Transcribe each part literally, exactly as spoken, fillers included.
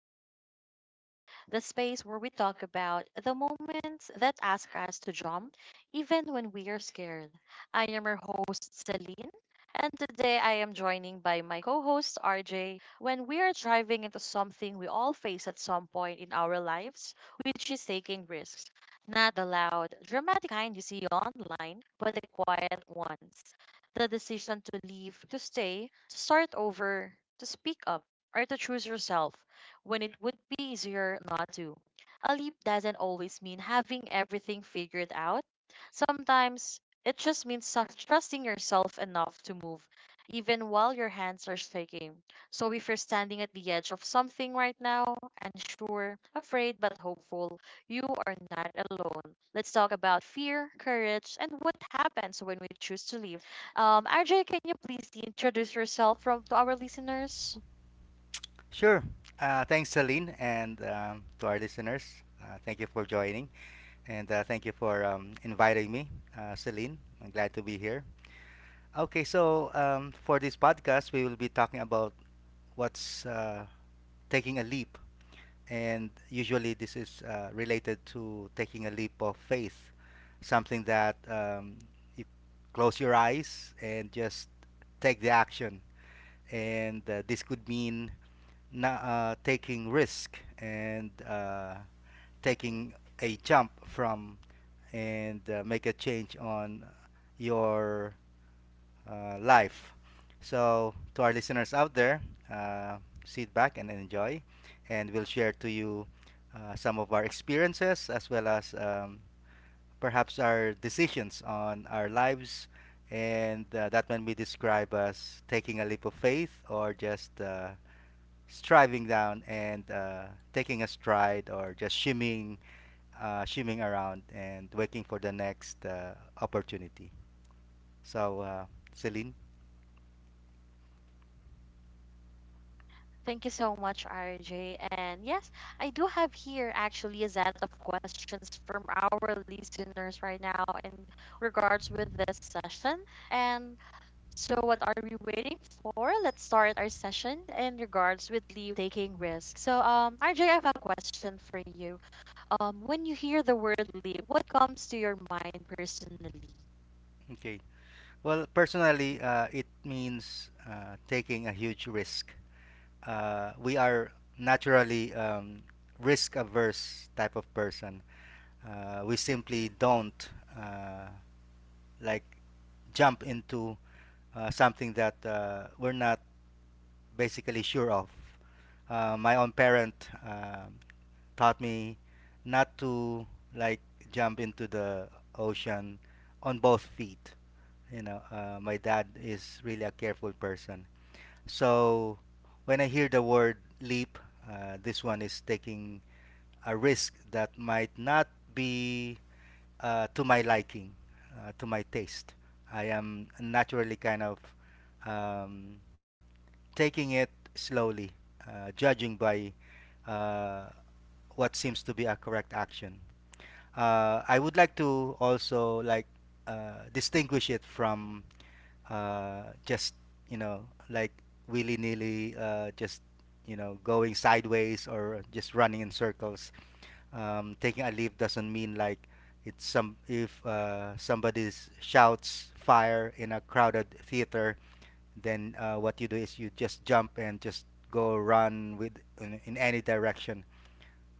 Welcome to Live, the space where we talk about the moments that ask us to jump, even when we are scared. I am your host, Celine, and today I am joining by my co host, R J, when we are driving into something we all face at some point in our lives, which is taking risks. Not the loud, dramatic kind you see online, but the quiet ones. The decision to leave, to stay, to start over, to speak up, or to choose yourself when it would be easier not to. A leap doesn't always mean having everything figured out. Sometimes it just means sus- trusting yourself enough to move, even while your hands are shaking. So if you're standing at the edge of something right now, unsure, afraid, but hopeful, you are not alone. Let's talk about fear, courage, and what happens when we choose to leave. Um, R J, can you please introduce yourself from to our listeners? Sure. Uh, thanks, Celine, and um, to our listeners. Uh, thank you for joining, and uh, thank you for um, inviting me, uh, Celine. I'm glad to be here. Okay, so um, for this podcast, we will be talking about what's uh, taking a leap, and usually this is uh, related to taking a leap of faith, something that um, you close your eyes and just take the action, and uh, this could mean na- uh, taking risk, and uh, taking a jump from, and uh, make a change on your uh, life. So, to our listeners out there, uh, sit back and enjoy, and we'll share to you uh, some of our experiences, as well as um, perhaps our decisions on our lives, and uh, that when we describe as taking a leap of faith, or just uh, striving down, and uh, taking a stride, or just shimmying, uh, shimmying around and waiting for the next uh, opportunity. So, uh, Celine, Thank you so much, R J. And yes, I do have here actually a set of questions from our listeners right now in regards with this session. And so, what are we waiting for? Let's start our session in regards with leave taking risks. So, um, R J, I have a question for you. Um, when you hear the word leave, what comes to your mind personally? okay. Well, personally, uh, it means uh, taking a huge risk. Uh, we are naturally um, risk averse type of person. Uh, we simply don't uh, like jump into uh, something that uh, we're not basically sure of. Uh, my own parent uh, taught me not to like jump into the ocean on both feet. You know, uh, my dad is really a careful person. So when I hear the word leap, uh, this one is taking a risk that might not be uh, to my liking, uh, to my taste. I am naturally kind of um, taking it slowly, uh, judging by uh, what seems to be a correct action. Uh, I would like to also like uh, distinguish it from uh, just, you know, like willy nilly, uh, just, you know, going sideways or just running in circles. Um, taking a leave doesn't mean like it's some, if uh, somebody shouts fire in a crowded theater, then uh, what you do is you just jump and just go run with in, in any direction.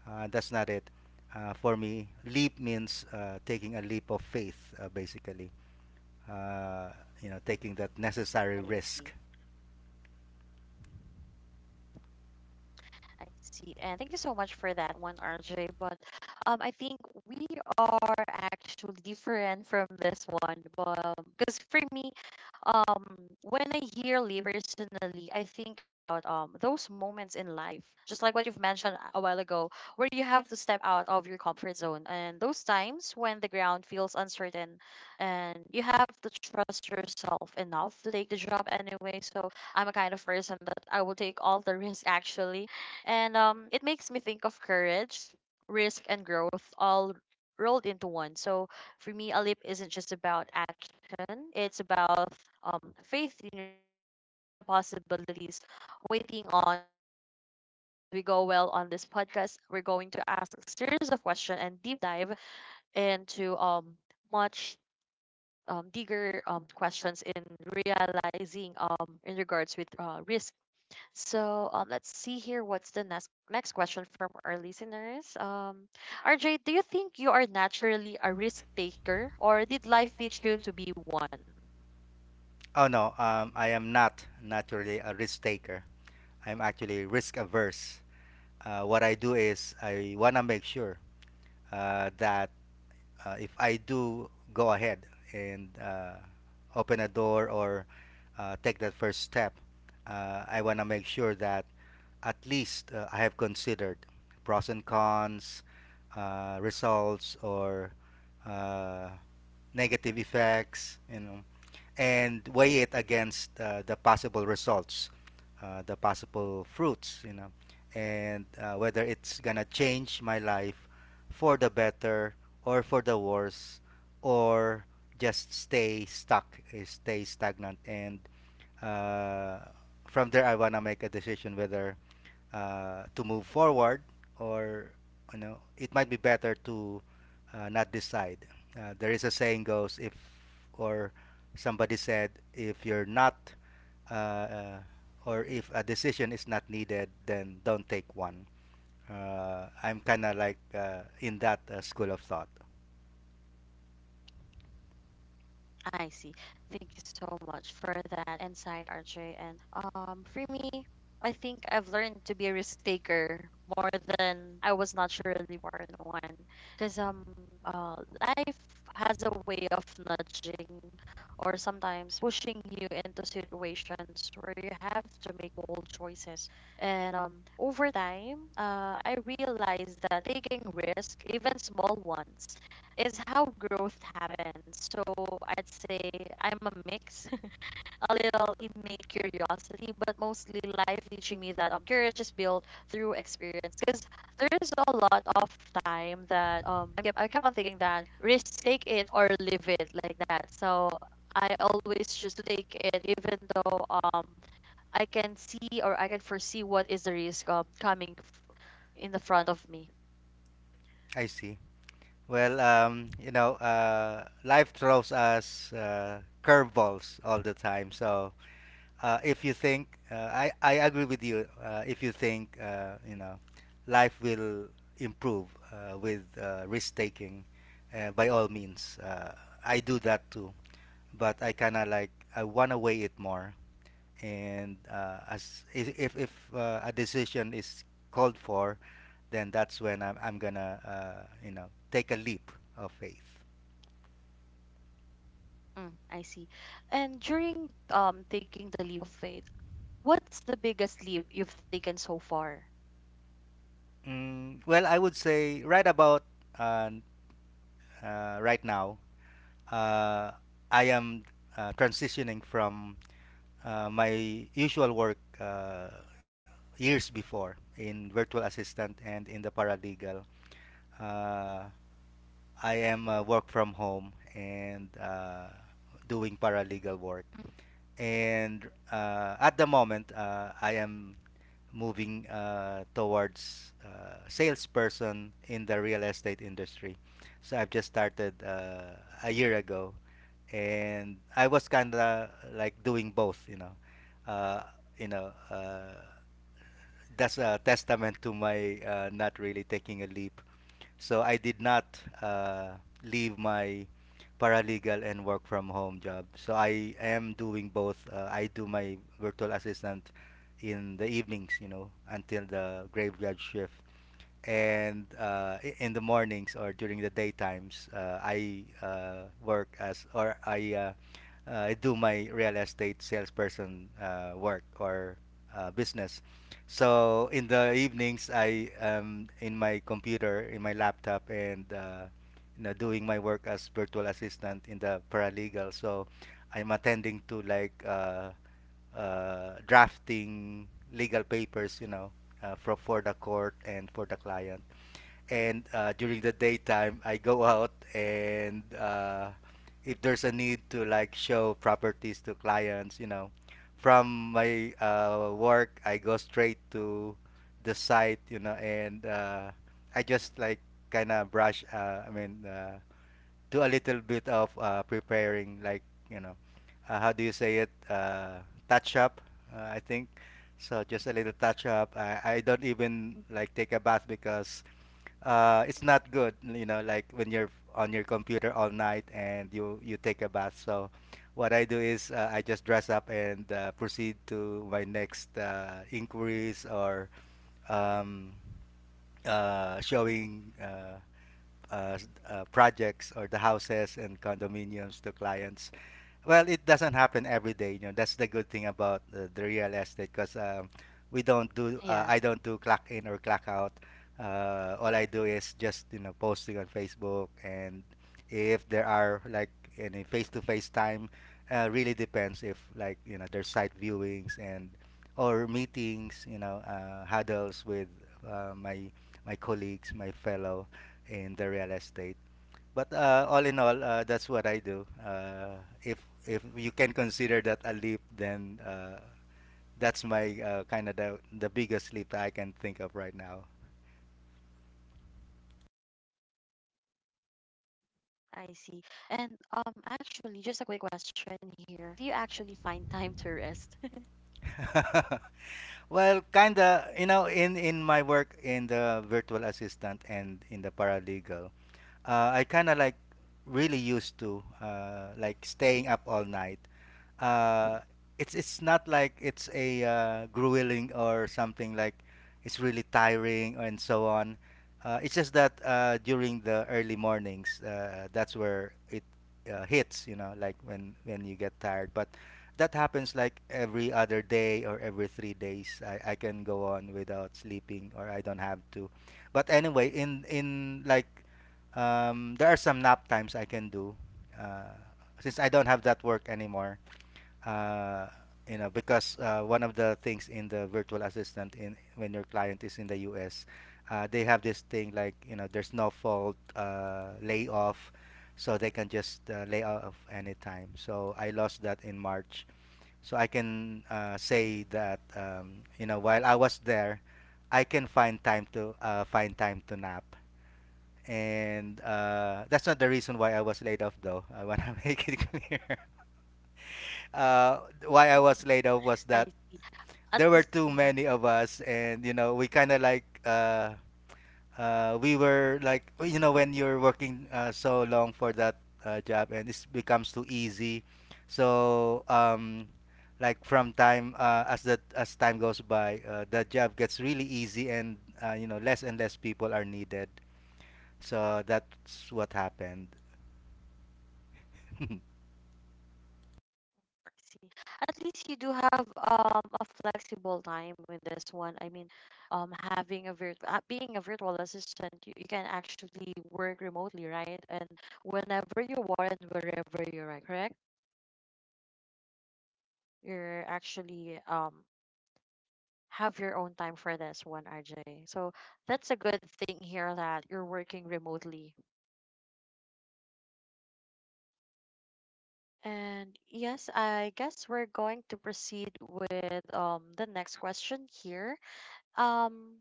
uh, That's not it. Uh, for me leap means uh, taking a leap of faith, uh, basically, uh, you know, taking that necessary I risk. see. I see. And thank you so much for that one, R J. But um, I think we are actually different from this one. But because for me, um when I hear personally, I think about um those moments in life, just like what you've mentioned a while ago, where you have to step out of your comfort zone, and those times when the ground feels uncertain, and you have to trust yourself enough to take the job anyway. So I'm a kind of person that I will take all the risk actually, and um it makes me think of courage, risk, and growth all rolled into one. So for me, a leap isn't just about action; it's about um, faith in yourself and in the possibilities waiting on the other side. So as we go well on this podcast, we're going to ask a series of questions and deep dive into um much um, bigger um, questions in realizing um, in regards with uh, risk. So um, let's see here what's the next next question from our listeners. Um, R J, do you think you are naturally a risk taker, or did life teach you to be one? Oh no, um, I am not naturally a risk taker. I'm actually risk averse. Uh, what I do is I want to make sure uh, that uh, if I do go ahead and uh, open a door, or uh, take that first step, uh, I want to make sure that at least uh, I have considered pros and cons, uh, results, or uh, negative effects, you know, and weigh it against uh, the possible results, uh, the possible fruits, you know, and uh, whether it's gonna change my life for the better or for the worse, or just stay stuck, eh, stay stagnant, and uh, from there I wanna make a decision whether uh, to move forward, or, you know, it might be better to uh, not decide. Uh, there is a saying goes if, or somebody said if you're not, uh, uh, or if a decision is not needed, then don't take one. Uh, I'm kind of like uh, in that uh, school of thought. I see. Thank you so much for that insight, R J. And um, for me, I think I've learned to be a risk taker more than I was naturally more than one. Because um, uh, life has a way of nudging or sometimes pushing you into situations where you have to make bold choices. And um, over time, uh, I realized that taking risk, even small ones, is how growth happens. So I'd say I'm a mix, a little innate curiosity, but mostly life teaching me that I'm curious. Just build through experience. Because there is a lot of time that um I kept, I kept on thinking that risk take it or live it like that. So I always choose to take it, even though um I can see or I can foresee what is the risk um, coming f- in the front of me. I see. Well, um, you know, uh, life throws us uh, curveballs all the time. So uh, if you think uh, I I agree with you. Uh, if you think uh, you know, life will improve uh, with uh, risk taking, uh, by all means, uh, I do that too. But I kind of like I wanna weigh it more, and uh, as i- if if uh, a decision is called for, then that's when I'm I'm gonna uh, you know, take a leap of faith. Mm, I see. And during um taking the leap of faith. What's the biggest leap you've taken so far? Mm, well, I would say right about uh, uh, right now, uh, I am uh, transitioning from uh, my usual work uh, years before in virtual assistant and in the paralegal. Uh, I am uh, work from home and uh, doing paralegal work, Mm. and uh, at the moment uh, I am moving uh, towards uh, salesperson in the real estate industry. So I've just started uh, a year ago, and I was kind of like doing both, you know. Uh, you know, uh, that's a testament to my uh, not really taking a leap, so I did not uh, leave my paralegal and work from home job. So I am doing both. Uh, I do my virtual assistant in the evenings, you know, until the graveyard shift, and uh, i- in the mornings or during the daytimes, uh, I uh, work as, or I uh, uh, I do my real estate salesperson uh, work or uh, business. So in the evenings, I am in my computer, in my laptop, and uh, you know, doing my work as virtual assistant in the paralegal. So I'm attending to like uh, uh, drafting legal papers, you know, uh, for, for the court and for the client. And uh, during the daytime, I go out, and uh, if there's a need to like show properties to clients, you know, from my uh, work, I go straight to the site, you know, and uh, I just like kind of brush, uh, I mean, uh, do a little bit of uh, preparing, like, you know, uh, how do you say it? Uh, touch up, uh, I think. So just a little touch up. I, I don't even like take a bath because uh, it's not good, you know, like when you're on your computer all night and you you take a bath. So what I do is uh, I just dress up and uh, proceed to my next uh, inquiries, or um, uh, showing uh, uh, uh, projects, or the houses and condominiums to clients. Well, it doesn't happen every day. You know, that's the good thing about uh, the real estate, because um, we don't do. Uh, Yes, I don't do clock in or clock out. Uh, all I do is just, you know, posting on Facebook, and if there are like any face-to-face time, uh, really depends if, like, you know, there's site viewings and, or meetings, you know, uh, huddles with uh, my my colleagues, my fellow in the real estate. But uh, all in all, uh, that's what I do. Uh, if if you can consider that a leap, then uh, that's my uh, kind of the, the biggest leap that I can think of right now. I see. And um, actually, just a quick question here. Do you actually find time to rest? Well, kinda, you know, in in my work in the virtual assistant and in the paralegal, uh, I kinda like really used to uh, like staying up all night. Uh, it's it's not like it's a uh, grueling or something, like it's really tiring and so on. Uh, it's just that uh, during the early mornings, uh, that's where it uh, hits, you know, like when when you get tired. But that happens like every other day or every three days. I, I can go on without sleeping, or I don't have to. But anyway, in in like um, there are some nap times I can do. Uh, since I don't have that work anymore, uh, you know, because uh, one of the things in the virtual assistant in when your client is in the U S, uh, they have this thing like, you know, there's no fault uh, layoff, so they can just uh, lay off anytime. So I lost that in March, so I can uh, say that um, you know, while I was there, I can find time to uh, find time to nap, and uh, that's not the reason why I was laid off though. I want to make it clear. Uh, why I was Mhm. laid off was I that see. At there were least, too mhm, many of us, and you know we kind of like uh, uh, we were like, you know, when you're working uh, so long for that uh, job and it becomes too easy, so um, like from time uh, as the as time goes by uh, the job gets really easy, and uh, you know, less and less people are needed, so that's what happened. I see. At least you do have um a flexible time with this one. I mean, um, having a virtual, uh, being a virtual assistant, you, you can actually work remotely, right? And whenever you want and wherever you're at, correct? You're actually um have your own time for this one, R J. So that's a good thing here that you're working remotely. And yes, I guess we're going to proceed with um the next question here. Um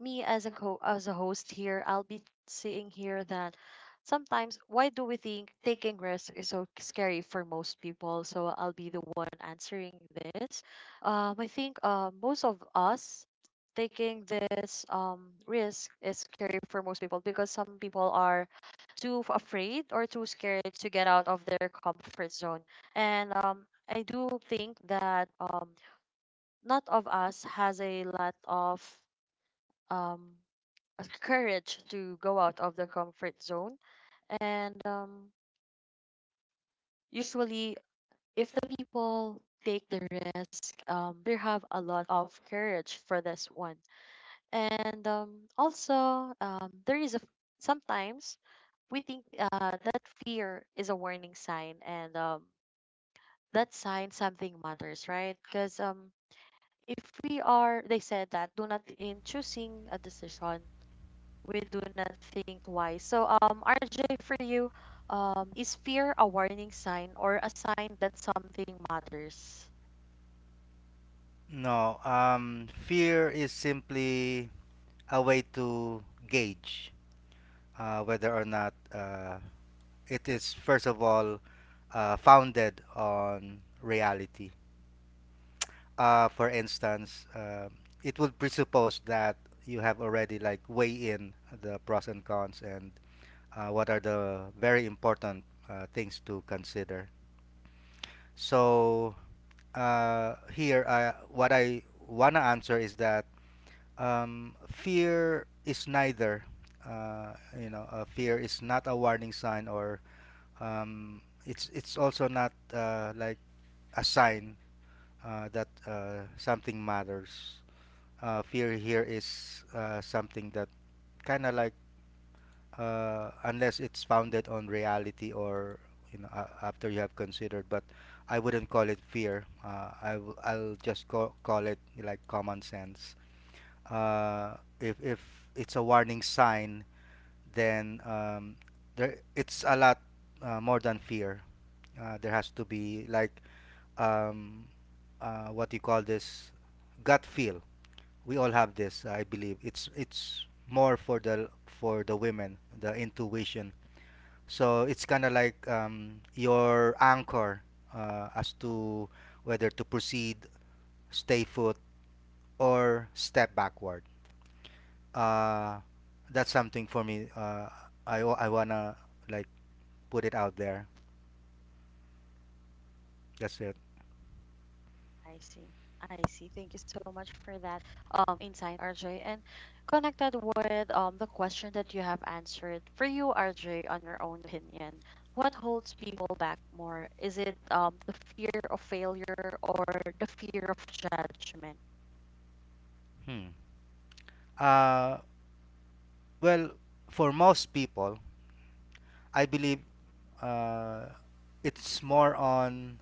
me as a co- as a host here, I'll be seeing here that sometimes why do we think taking risks is so scary for most people? So I'll be the one answering this. Um, I think uh, most of us taking this um risk is scary for most people because some people are too f- afraid or too scared to get out of their comfort zone, and um I do think that um not of us has a lot of um uh, courage to go out of the comfort zone. And um, usually, if the people take the risk, um, they have a lot of courage for this one. And um, also, um, there is a sometimes we think uh, that fear is a warning sign, and um, that sign something matters, right? Because um, if we are, they said that do not in choosing a decision we do not think why. So, um, R J, for you, um, is fear a warning sign or a sign that something matters? No, um, fear is simply a way to gauge uh, whether or not uh, it is, first of all, uh, founded on reality. Uh, for instance, um it would presuppose that you have already like weigh in the pros and cons, and uh, what are the very important uh, things to consider. So uh, here, I, what I wanna answer is that um, fear is neither. Uh, you know, uh, fear is not a warning sign, or um, it's it's also not uh, like a sign uh, that uh, something matters. Uh, fear here is uh, something that kind of like uh, unless it's founded on reality, or you know uh, after you have considered. But I wouldn't call it fear. Uh, I w- I'll just call call it like common sense. Uh, if if it's a warning sign, then um, there it's a lot uh, more than fear. Uh, there has to be like um, uh, what you call this gut feel. We all have this, I believe. It's it's more for the for the women, the intuition. So it's kind of like um, your anchor uh, as to whether to proceed, stay foot, or step backward. Uh, that's something for me. Uh, I wa- I wanna like put it out there. That's it. I see. I see. Thank you so much for that Um, insight, R J. And connected with um the question that you have answered for you, R J, on your own opinion, what holds people back more? Is it um the fear of failure or the fear of judgment? Hmm. Uh, well, for most people, I believe uh, it's more on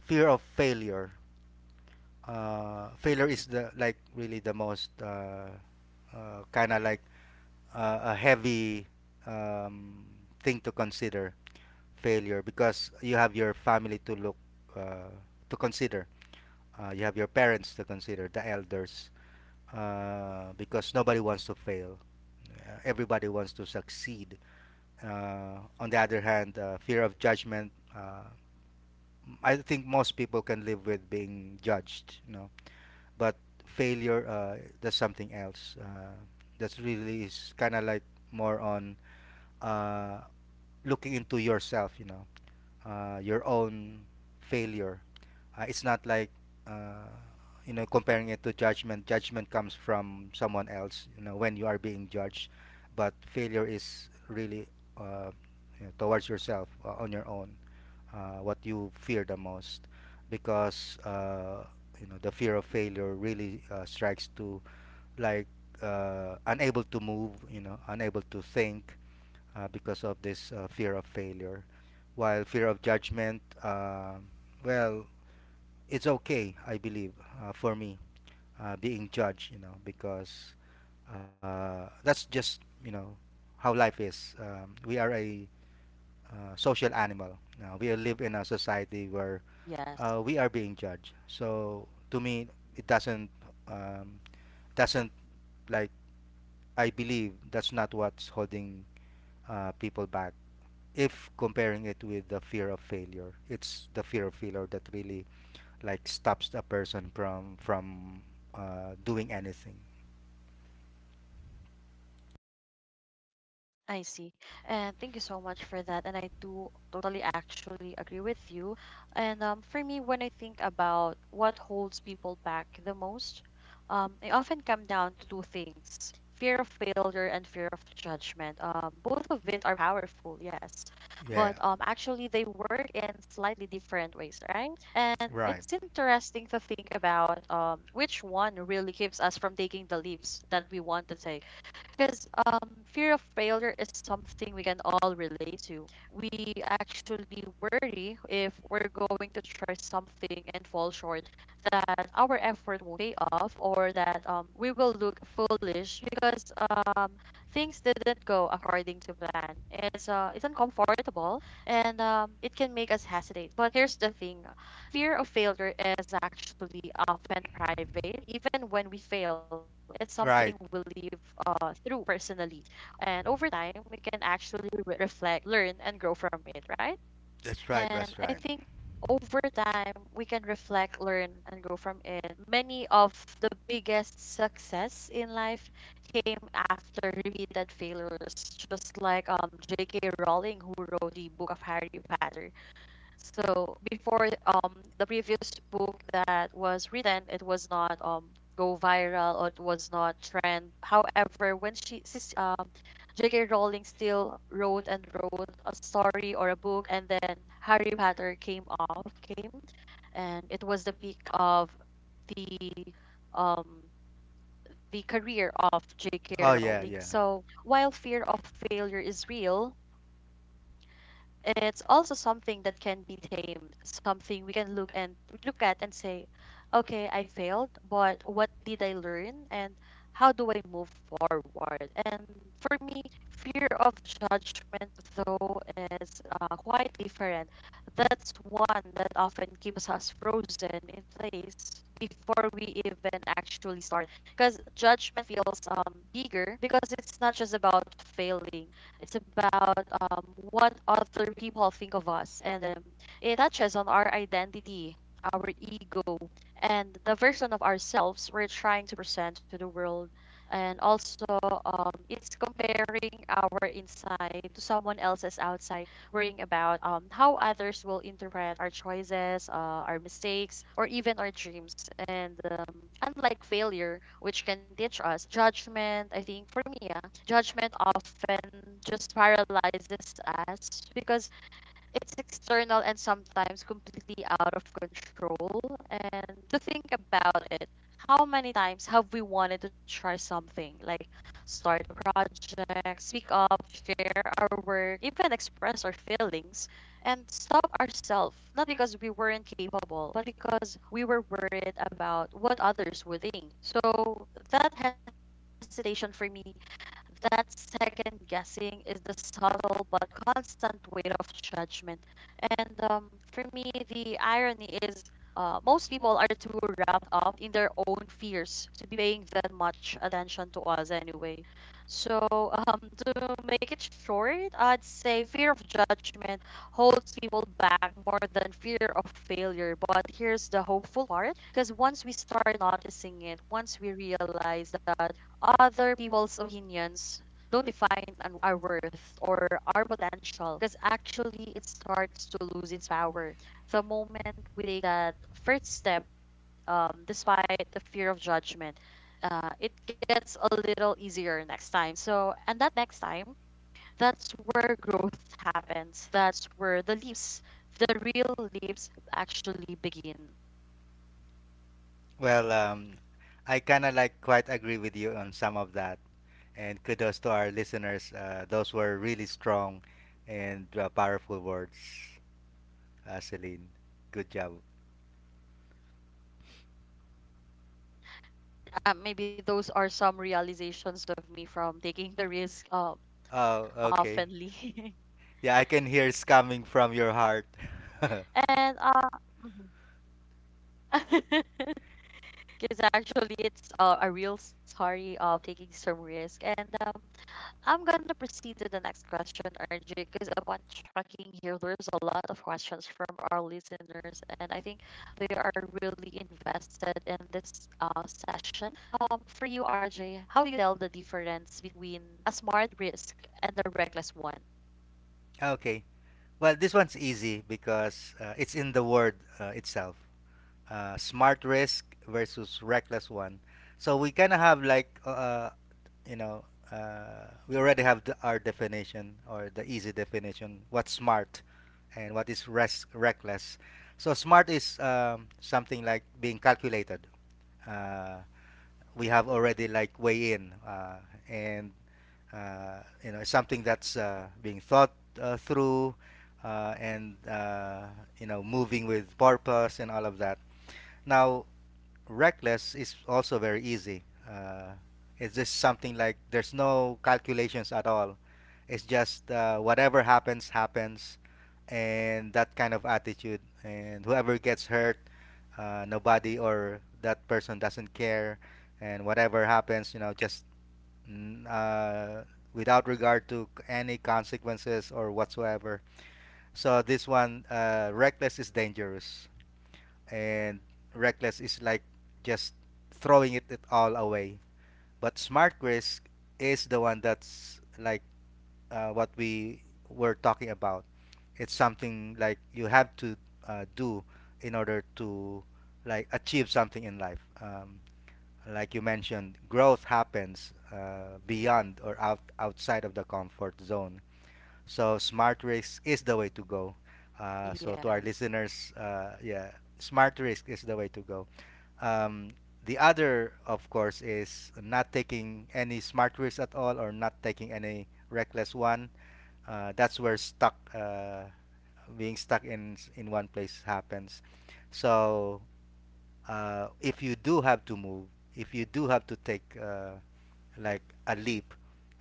fear of failure. Uh, failure is the like really the most uh, uh, kind of like uh, a heavy um, thing to consider failure because you have your family to look uh, to consider. Uh, you have your parents to consider, the elders, uh, because nobody wants to fail. Uh, everybody wants to succeed. Uh, on the other hand, uh, fear of judgment. Uh, I think most people can live with being judged, you know. But failure, uh, that's something else. Uh, that's really is kind of like more on uh, looking into yourself, you know, uh, your own failure. Uh, it's not like uh, you know comparing it to judgment. Judgment comes from someone else, you know, when you are being judged. But failure is really uh, you know, towards yourself uh, on your own uh, what you fear the most because uh, you know the fear of failure really uh, strikes to like uh, unable to move you know unable to think uh, because of this uh, fear of failure while fear of judgment uh, well it's okay I believe uh, for me uh, being judged you know because uh, that's just you know how life is um, we are a uh, social animal now we live in a society where Yes. uh, we are being judged. So to me, it doesn't um, doesn't like I believe that's not what's holding uh, people back. If comparing it with the fear of failure, it's the fear of failure that really like stops a person from from uh, doing anything. I see. And thank you so much for that. And I do totally actually agree with you. And um, for me, when I think about what holds people back the most, um, I often come down to two things fear of failure and fear of judgment. Um, both of it are powerful, yes. Yeah, But um, actually, they work in slightly different ways, right? And right, it's interesting to think about um, which one really keeps us from taking the leaps that we want to take because um, fear of failure is something we can all relate to. We actually worry if we're going to try something and fall short, that our effort won't pay off, or that um, we will look foolish because um, things didn't go according to plan. It's uh, it's uncomfortable, and um, it can make us hesitate. But here's the thing: fear of failure is actually often private. Even when we fail, it's something we right. live uh, through personally. And over time, we can actually re- reflect, learn, and grow from it, right? That's right. And That's I right. think over time, we can reflect, learn, and grow from it. Many of the biggest success in life came after repeated failures, just like um, J K. Rowling, who wrote the book of Harry Potter. So before um the previous book that was written, it was not um go viral or it was not trend. However, when she sis- um J K. Rowling still wrote and wrote a story or a book, and then Harry Potter came off came, and it was the peak of the um the career of J K. Oh Rowling. yeah, yeah. So while fear of failure is real, it's also something that can be tamed, something we can look and look at and say, okay, I failed, but what did I learn and how do I move forward? And for me, fear of judgment though is uh, quite different. That's one that often keeps us frozen in place before we even actually start because judgment feels um, bigger because it's not just about failing it's about um, what other people think of us, and um, it touches on our identity, our ego, and the version of ourselves we're trying to present to the world. And also, um, it's comparing our inside to someone else's outside worrying about um, how others will interpret our choices, uh, our mistakes, or even our dreams. And um, unlike failure, which can teach us, judgment, I think for me, yeah, judgment often just paralyzes us because it's external and sometimes completely out of control. And to think about it, how many times have we wanted to try something like start a project, speak up, share our work, even express our feelings, and stop ourselves, not because we weren't capable, but because we were worried about what others would think. So that hesitation for me that second guessing is the subtle but constant weight of judgment. And um, for me, the irony is uh, most people are too wrapped up in their own fears to be paying that much attention to us anyway. So, um, to make it short, I'd say fear of judgment holds people back more than fear of failure. But here's the hopeful part, because once we start noticing it, once we realize that other people's opinions don't define an- our worth or our potential, because actually it starts to lose its power the moment we take that first step um, despite the fear of judgment. Uh, it gets a little easier next time, so and that next time, that's where growth happens, that's where the leaps, the real leaps actually begin. Well, um, I kind of like quite agree with you on some of that. And kudos to our listeners. Uh, those were really strong and uh, powerful words, uh, Celine. Good job. Uh, maybe those are some realizations of me from taking the risk, uh, Oh, okay. oftenly. Yeah, I can hear it's coming from your heart. and uh, Because actually it's uh, a real story of taking some risk. And um, I'm gonna proceed to the next question, R J, because upon tracking here, there's a lot of questions from our listeners, and I think they are really invested in this uh, session. Um, for you, R J, how do you tell the difference between a smart risk and a reckless one? Okay. Well, this one's easy because uh, it's in the word uh, itself. Uh, smart risk versus reckless one. So we kind of have like uh, you know uh, we already have the, our definition or the easy definition what's smart and what is res- reckless so smart is um, something like being calculated, uh, we have already like weigh in, uh, and uh, you know something that's uh, being thought uh, through uh, and uh, you know moving with purpose and all of that now reckless is also very easy. Uh, it's just something like there's no calculations at all. It's just uh, whatever happens, happens, and that kind of attitude. And whoever gets hurt, uh, nobody or that person doesn't care. And whatever happens, you know, just mm, uh, without regard to any consequences or whatsoever. So this one, uh, reckless is dangerous and reckless is like just throwing it, it all away. But smart risk is the one that's like uh, what we were talking about. It's something like you have to uh, do in order to like achieve something in life. Um, like you mentioned, growth happens uh, beyond or out outside of the comfort zone. So smart risk is the way to go. Uh, so to our Yes. listeners, uh, yeah, smart risk is the way to go. Um, the other, of course, is not taking any smart risks at all or not taking any reckless one. Uh, that's where stuck, uh, being stuck in in one place happens. So uh, if you do have to move, if you do have to take uh, like a leap,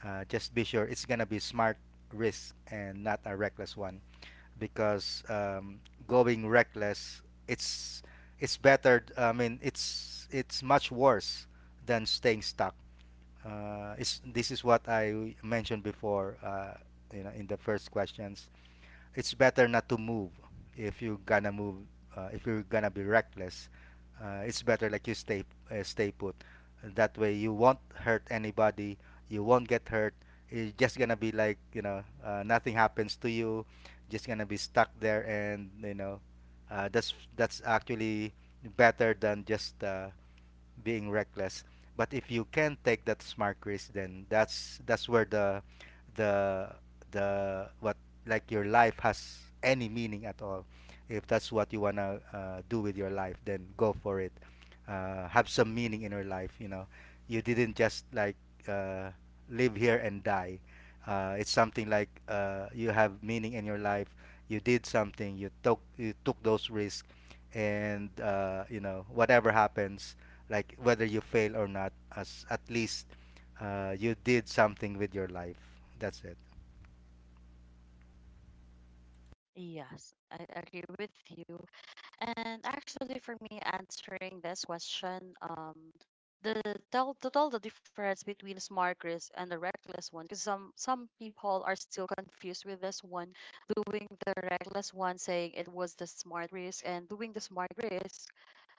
uh, just be sure it's gonna be smart risk and not a reckless one because um, going reckless it's it's better I mean it's it's much worse than staying stuck. Uh, it's, this is what I mentioned before, uh, you know, in the first questions. It's better not to move. If you're gonna move, uh, if you're gonna be reckless, uh, it's better like you stay uh, stay put. That way you won't hurt anybody, you won't get hurt. It's just gonna be like you know uh, nothing happens to you, just gonna be stuck there and you know uh, that's that's actually better than just uh, being reckless. But if you can take that smart risk, then that's that's where the the the what like your life has any meaning at all. If that's what you wanna uh, do with your life, then go for it. Uh, have some meaning in your life. You know, you didn't just like uh, live here and die. Uh, it's something like uh, you have meaning in your life. You did something. You took you took those risks, and uh, you know whatever happens, like whether you fail or not as at least uh, you did something with your life. That's it. Yes, I agree with you. And actually, for me, answering this question, um, the tell to tell the difference between a smart risk and a reckless one, because some some people are still confused with this one, doing the reckless one, saying it was the smart risk, and doing the smart risk,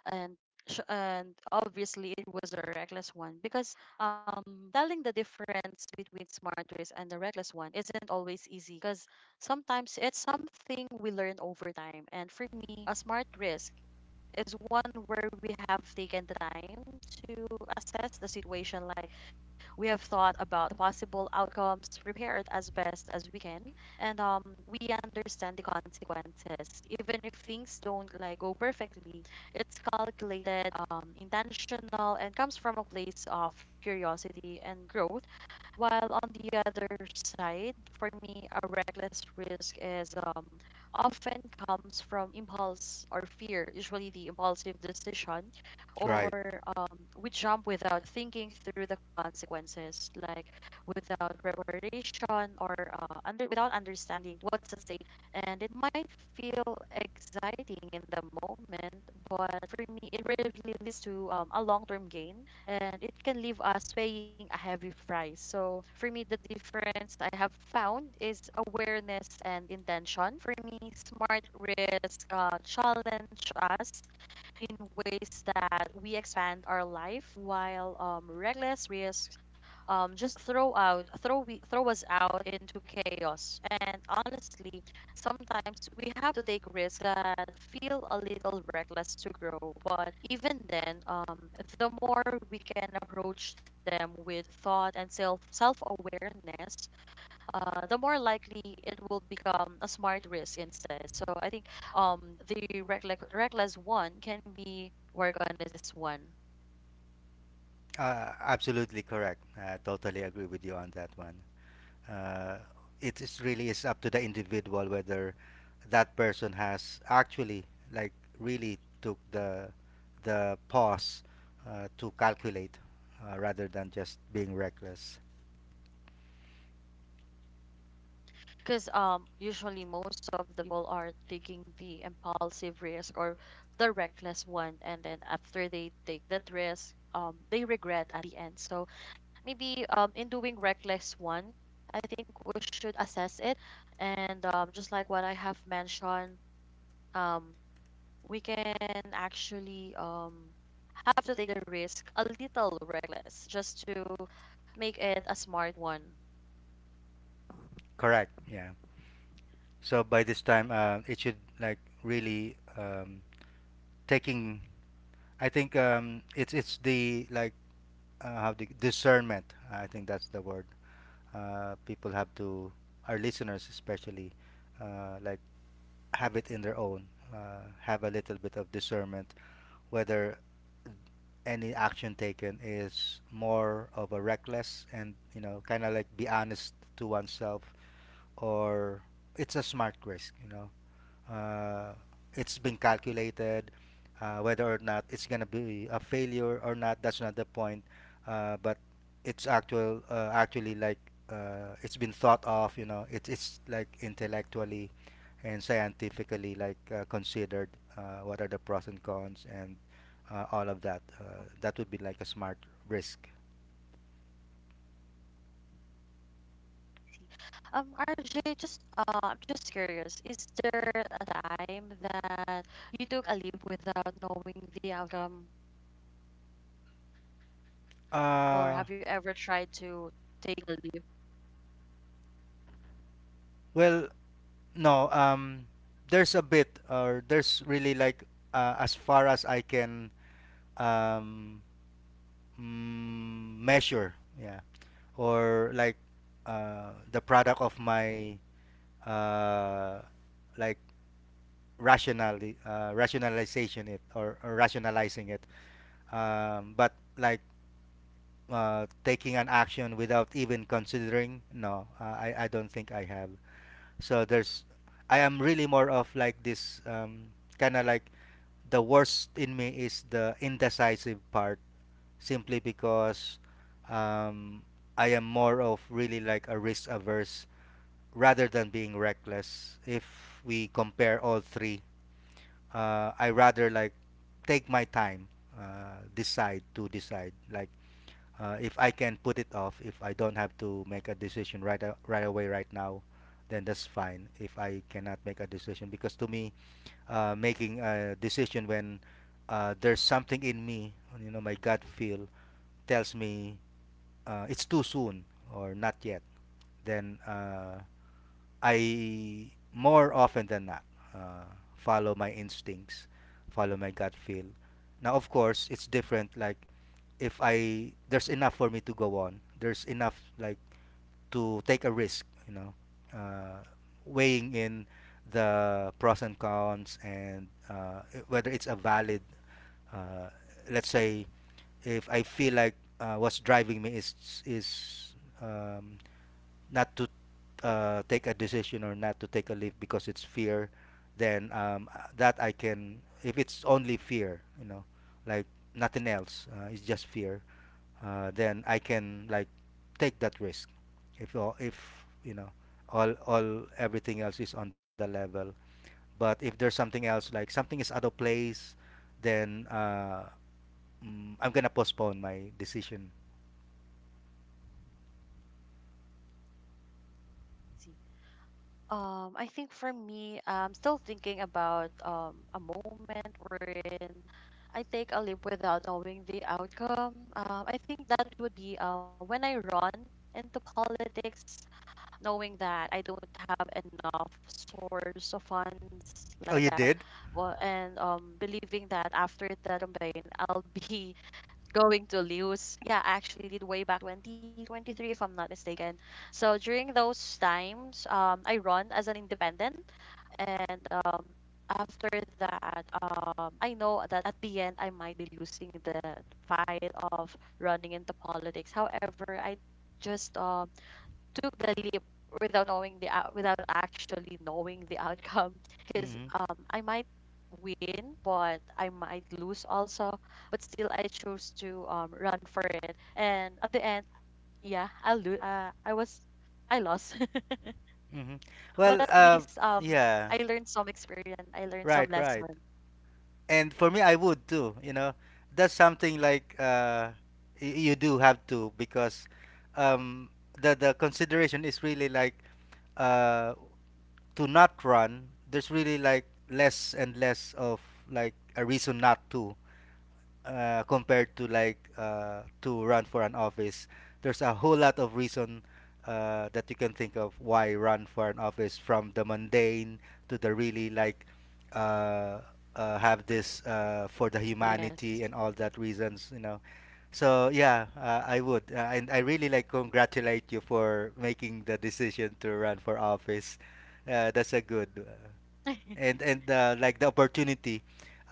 and sh- and obviously it was a reckless one, because um, telling the difference between smart risk and the reckless one isn't always easy, because sometimes it's something we learn over time. And for me, a smart risk is one where we have taken the time to assess the situation. Like, we have thought about the possible outcomes, prepared as best as we can, and um, we understand the consequences. Even if things don't like go perfectly, it's calculated, um, intentional, and comes from a place of curiosity and growth. While on the other side, for me, a reckless risk is um, often comes from impulse or fear, usually the impulsive decision, Right. or um, we jump without thinking through the consequences, like without preparation or uh, under without understanding what's at stake. And it might feel exciting in the moment, but for me, it really leads to um, a long-term gain, and it can leave us paying a heavy price. So for me, the difference I have found is awareness and intention. For me, smart risk uh, challenge us in ways that we expand our life, while um, reckless risks um, just throw out throw we throw us out into chaos. And honestly, sometimes we have to take risks that feel a little reckless to grow, but even then, um, the more we can approach them with thought and self self awareness, uh, the more likely it will become a smart risk instead. So I think um, the reckless reckless one can be work on is this one. Uh, absolutely correct. I totally agree with you on that one. uh, it is really is up to the individual whether that person has actually like really took the the pause uh, to calculate uh, rather than just being reckless. Because um, usually most of the people are taking the impulsive risk or the reckless one, and then after they take that risk, um, they regret at the end. So maybe um, in doing reckless one, I think we should assess it, and um, just like what I have mentioned, um, we can actually um, have to take the risk a little reckless just to make it a smart one. Correct. Yeah. So by this time uh, it should like really um, taking I think um, it's it's the like uh, how the discernment. I think that's the word. Uh, people have to, our listeners especially, uh, like have it in their own. Uh, have a little bit of discernment whether any action taken is more of a reckless and you know kind of like be honest to oneself, or it's a smart risk. You know, uh, it's been calculated uh, whether or not it's gonna be a failure or not. That's not the point. Uh, but it's actual uh, actually like uh, it's been thought of, you know. It's it's like intellectually and scientifically like uh, considered uh, what are the pros and cons and uh, all of that. Uh, that would be like a smart risk. Um, R J, just uh, I'm just curious. Is there a time that you took a leave without knowing the outcome, or uh have you ever tried to take a leave? well, no. Um there's a bit or there's really like uh, as far as I can um, mm, measure, yeah, or like uh, the product of my uh, like rationally, uh, rationalization it or, or rationalizing it. Um, but like uh, taking an action without even considering, no, uh, I, I don't think I have. So there's, I am really more of like this, um, kind of like the worst in me is the indecisive part simply because um, I am more of really like a risk averse rather than being reckless. If we compare all three, uh, I rather like take my time, uh, decide to decide. Like uh, if I can put it off, if I don't have to make a decision right a- right away right now, then that's fine. If I cannot make a decision, because to me, uh, making a decision when uh, there's something in me, you know, my gut feel tells me uh, it's too soon or not yet, then uh, I more often than not uh, follow my instincts, follow my gut feel. Now, of course, it's different. Like if I, there's enough for me to go on, there's enough like to take a risk. You know, uh, weighing in the pros and cons and uh, i- whether it's a valid uh, let's say if I feel like uh, what's driving me is is um, not to uh, take a decision or not to take a leave because it's fear, then um, uh, that I can. If it's only fear, you know, like nothing else, uh, it's just fear. Uh, then I can like take that risk. If all, if you know, all all everything else is on the level. But if there's something else, like something is out of place, then uh, mm, I'm gonna postpone my decision. I see. Um, I think for me, I'm still thinking about um, a moment wherein I take a leap without knowing the outcome. Um, I think that would be uh, when I run into politics, knowing that I don't have enough source of funds like Oh, you that, did. well, and um, believing that after that campaign, I'll be going to lose. Yeah, I actually did way back twenty twenty-three, if I'm not mistaken. So during those times, um, I run as an independent, and um, after that, um, I know that at the end I might be losing the fight of running into politics. However, I just um, took the leap without knowing the out without actually knowing the outcome, because Mm-hmm. um, I might win but I might lose also, but still I chose to um, run for it. And at the end, yeah, I'll lose. uh, I was, I lost. Mm-hmm. But Well, at uh, least um, yeah. I learned some experience, I learned Right, some right. lesson. And for me, I would too. You know, that's something like uh, y- you do have to because um, the the consideration is really like uh, to not run. There's really like less and less of like a reason not to, uh, compared to like uh, to run for an office, there's a whole lot of reason uh, that you can think of why run for an office, from the mundane to the really like uh, uh, have this uh, for the humanity and Yes. all that reasons, you know. So yeah, uh, I would, uh, and I really like congratulate you for making the decision to run for office. Uh, that's a good. Uh, and and uh, like the opportunity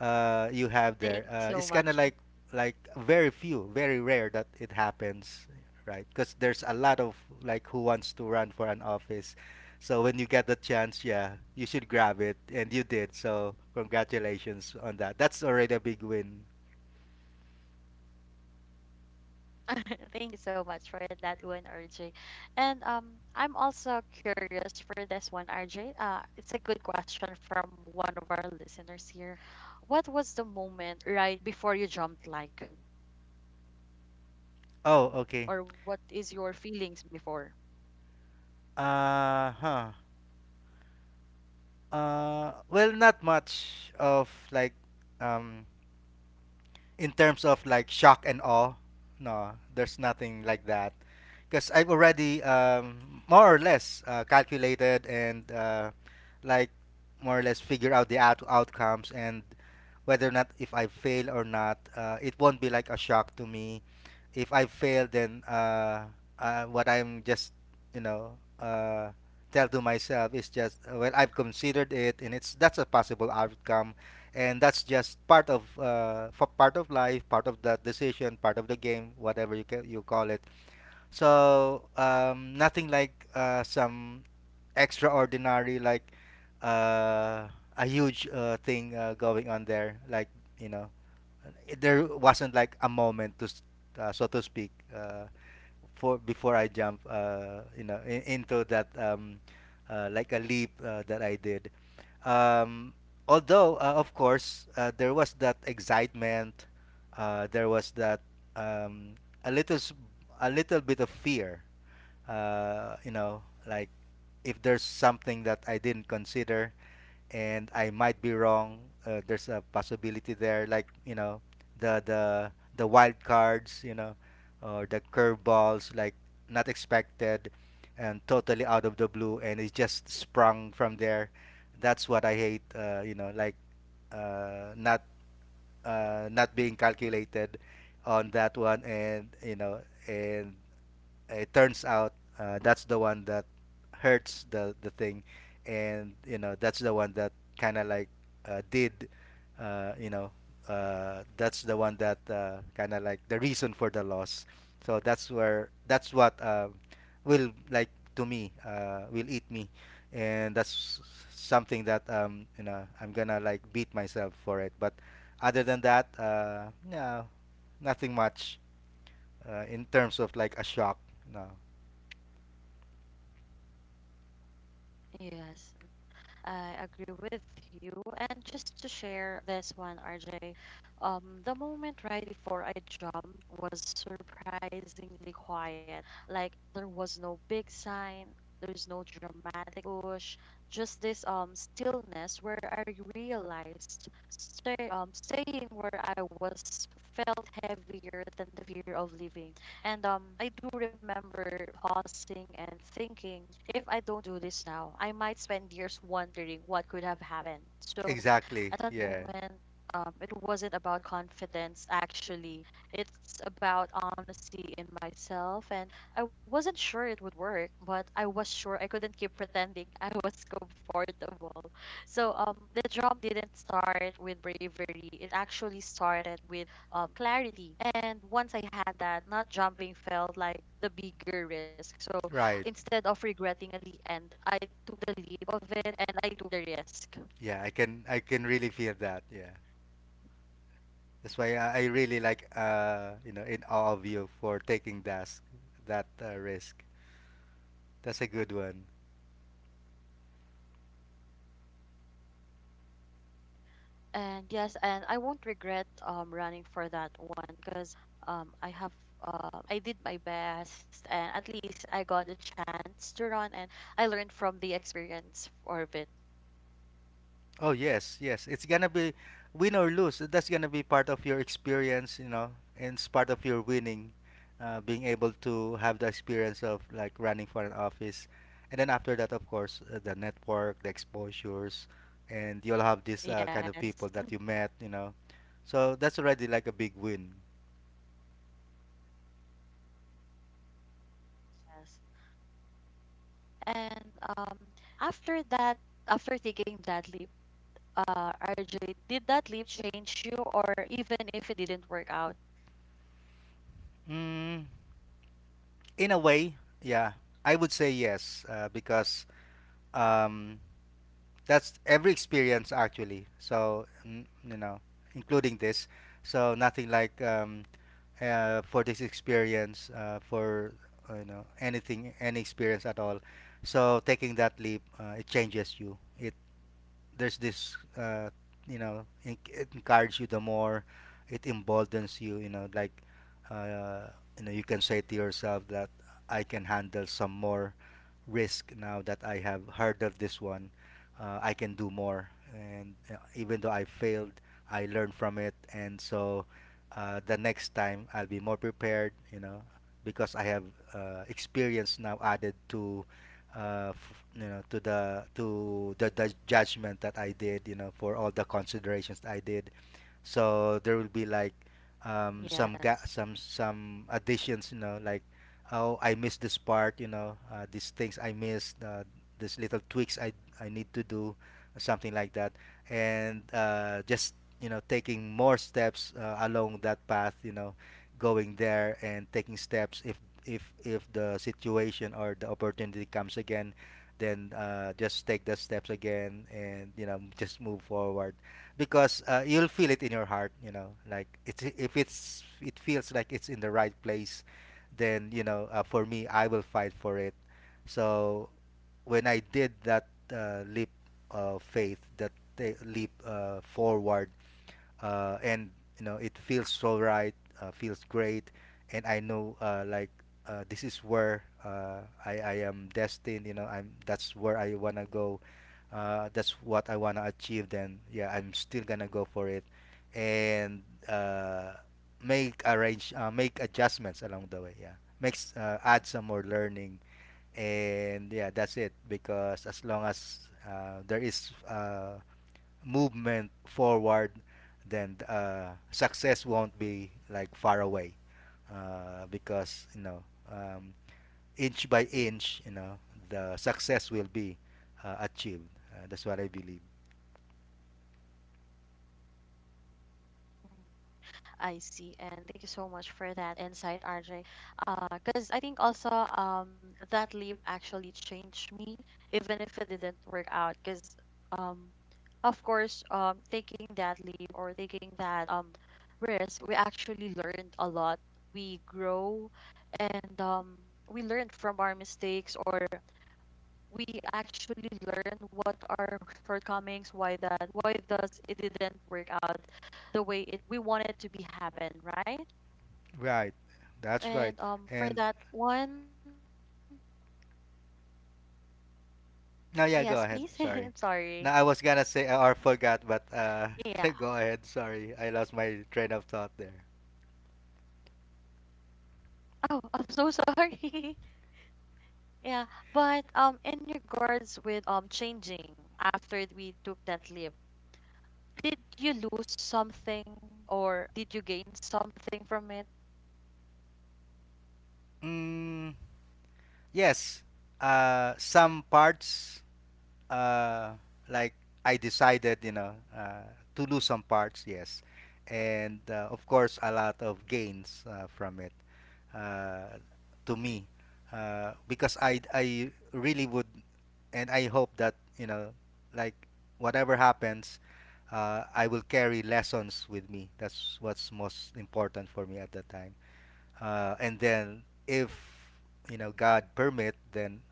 uh, you have there, Thank you uh, it's so kind of much. like like very few, very rare that it happens, right? Because there's a lot of like who wants to run for an office. So when you get the chance, yeah, you should grab it, and you did. So congratulations on that. That's already a big win. Thank you so much for that one, R J. And um, I'm also curious for this one, R J. Uh, it's a good question from one of our listeners here. What was the moment right before you jumped, like, Oh, okay. or what is your feelings before? Uh huh. Uh well, not much of like um in terms of like shock and awe, no, there's nothing like that. Because I've already um, more or less uh, calculated and uh, like more or less figure out the out- outcomes and whether or not if I fail or not. Uh, it won't be like a shock to me. If I fail, then uh, uh, what I'm just you know uh, tell to myself is just uh, well, I've considered it, and it's that's a possible outcome, and that's just part of uh, f- part of life, part of the decision, part of the game, whatever you ca- you call it. So um, nothing like uh, some extraordinary like uh, a huge uh, thing uh, going on there. Like you know, it- there wasn't like a moment to s- uh, so to speak. Uh, for before I jump, uh, you know, in, into that um, uh, like a leap uh, that I did. Um, although, uh, of course, uh, there was that excitement, uh, there was that um, a little s- a little bit of fear. Uh, you know, like if there's something that I didn't consider, and I might be wrong. Uh, there's a possibility there, like you know, the the the wild cards, you know, or the curveballs, like not expected and totally out of the blue, and it's just sprung from there. That's what I hate. Uh, you know, like uh, not uh, not being calculated on that one, and you know, and it turns out uh, that's the one that hurts the the thing, and you know that's the one that kind of like uh, did, uh, you know, uh, that's the one that uh, kind of like the reason for the loss. So that's where that's what uh, will like to me uh, will eat me, and that's something that um you know I'm gonna like beat myself for it. But other than that, uh, no, nothing much uh, in terms of like a shock. No. Yes. I agree with you. And just to share this one, R J, um, the moment right before I jumped was surprisingly quiet. Like, there was no big sign, there's no dramatic push, just this um, stillness where I realized stay, um staying where I was felt heavier than the fear of leaving. And um, I do remember pausing and thinking, if I don't do this now, I might spend years wondering what could have happened. So Exactly. at that Yeah. moment, um, it wasn't about confidence, actually. It's about honesty in myself. And I wasn't sure it would work, but I was sure I couldn't keep pretending I was comfortable. So um, the job didn't start with bravery, it actually started with um, clarity. And once I had that, not jumping felt like the bigger risk. So Right. instead of regretting at the end, I took the leap of it and I took the risk. Yeah. I can. I can really feel that. Yeah. That's why I, I really like. Uh, you know, in awe of you for taking that that uh, risk. That's a good one. And yes, and I won't regret um, running for that one, because um, I have uh, I did my best, and at least I got a chance to run and I learned from the experience of it. Oh yes, yes. It's gonna be win or lose. That's gonna be part of your experience, you know, and it's part of your winning, uh, being able to have the experience of like running for an office, and then after that, of course, uh, the network, the exposures, and you'll have this uh, kind of people Yes. that you met, you know. So that's already like a big win. Yes. And um, after that, after taking that leap, uh, R J, did that leap change you, or even if it didn't work out? Mm, in a way, yeah, I would say yes, uh, because um, that's every experience actually. So n- you know, including this. So nothing like um, uh, for this experience uh, for uh, you know anything any experience at all. So taking that leap, uh, it changes you. It there's this uh, you know en- it encourages you the more. It emboldens you. You know like uh, you know you can say to yourself that I can handle some more risk now that I have hurdled this one. Uh, I can do more, and uh, even though I failed, I learned from it, and so uh, the next time I'll be more prepared. You know, because I have uh, experience now added to. Uh, f- you know to the to the, the judgment that I did, you know, for all the considerations that I did. So there will be like um, some ga- Yes. some some additions, you know, like oh, I missed this part, you know, uh, these things I missed, uh, these little tweaks i i need to do, something like that. And uh, just you know taking more steps uh, along that path, you know, going there and taking steps. If if if the situation or the opportunity comes again, then uh, just take the steps again, and you know just move forward. Because uh, you'll feel it in your heart, you know, like it's if it's it feels like it's in the right place, then you know uh, for me I will fight for it. So when I did that uh, leap of faith, that ta- leap uh, forward, uh, and you know it feels so right, uh, feels great, and I know uh, like uh, this is where uh, I I am destined. You know, I'm that's where I wanna go. Uh, that's what I wanna achieve. Then yeah, I'm still gonna go for it, and uh, make arrange uh, make adjustments along the way. Yeah, makes uh, add some more learning, and yeah that's it. Because as long as uh, there is uh, movement forward, then uh, success won't be like far away, uh, because you know um, inch by inch, you know the success will be uh, achieved. Uh, that's what I believe. Mm. I see. And thank you so much for that insight, R J. Because I think also um, that leave actually changed me, even if it didn't work out. Because, um, of course, um, taking that leave or taking that um, risk, we actually learned a lot. We grow, and um, we learn from our mistakes, or we actually learn what are shortcomings, why that, why does it didn't work out the way it we want it to be happen, right? Right, that's right. And um, for And that one, yes, please. now, yeah, I'm go ahead. sorry. Sorry. Now I was gonna say uh, or forgot, but uh, Yeah. go ahead. Sorry, I lost my train of thought there. Oh, I'm so sorry. Yeah, but um, in regards with um, changing after we took that leap, did you lose something or did you gain something from it? Mm, yes, uh, some parts uh, like I decided, you know, uh, to lose some parts, yes, and uh, of course a lot of gains uh, from it, uh, to me, uh, because I I really would, and I hope that you know, like whatever happens, uh, I will carry lessons with me. That's what's most important for me at that time. Uh, and then if you know God permit, then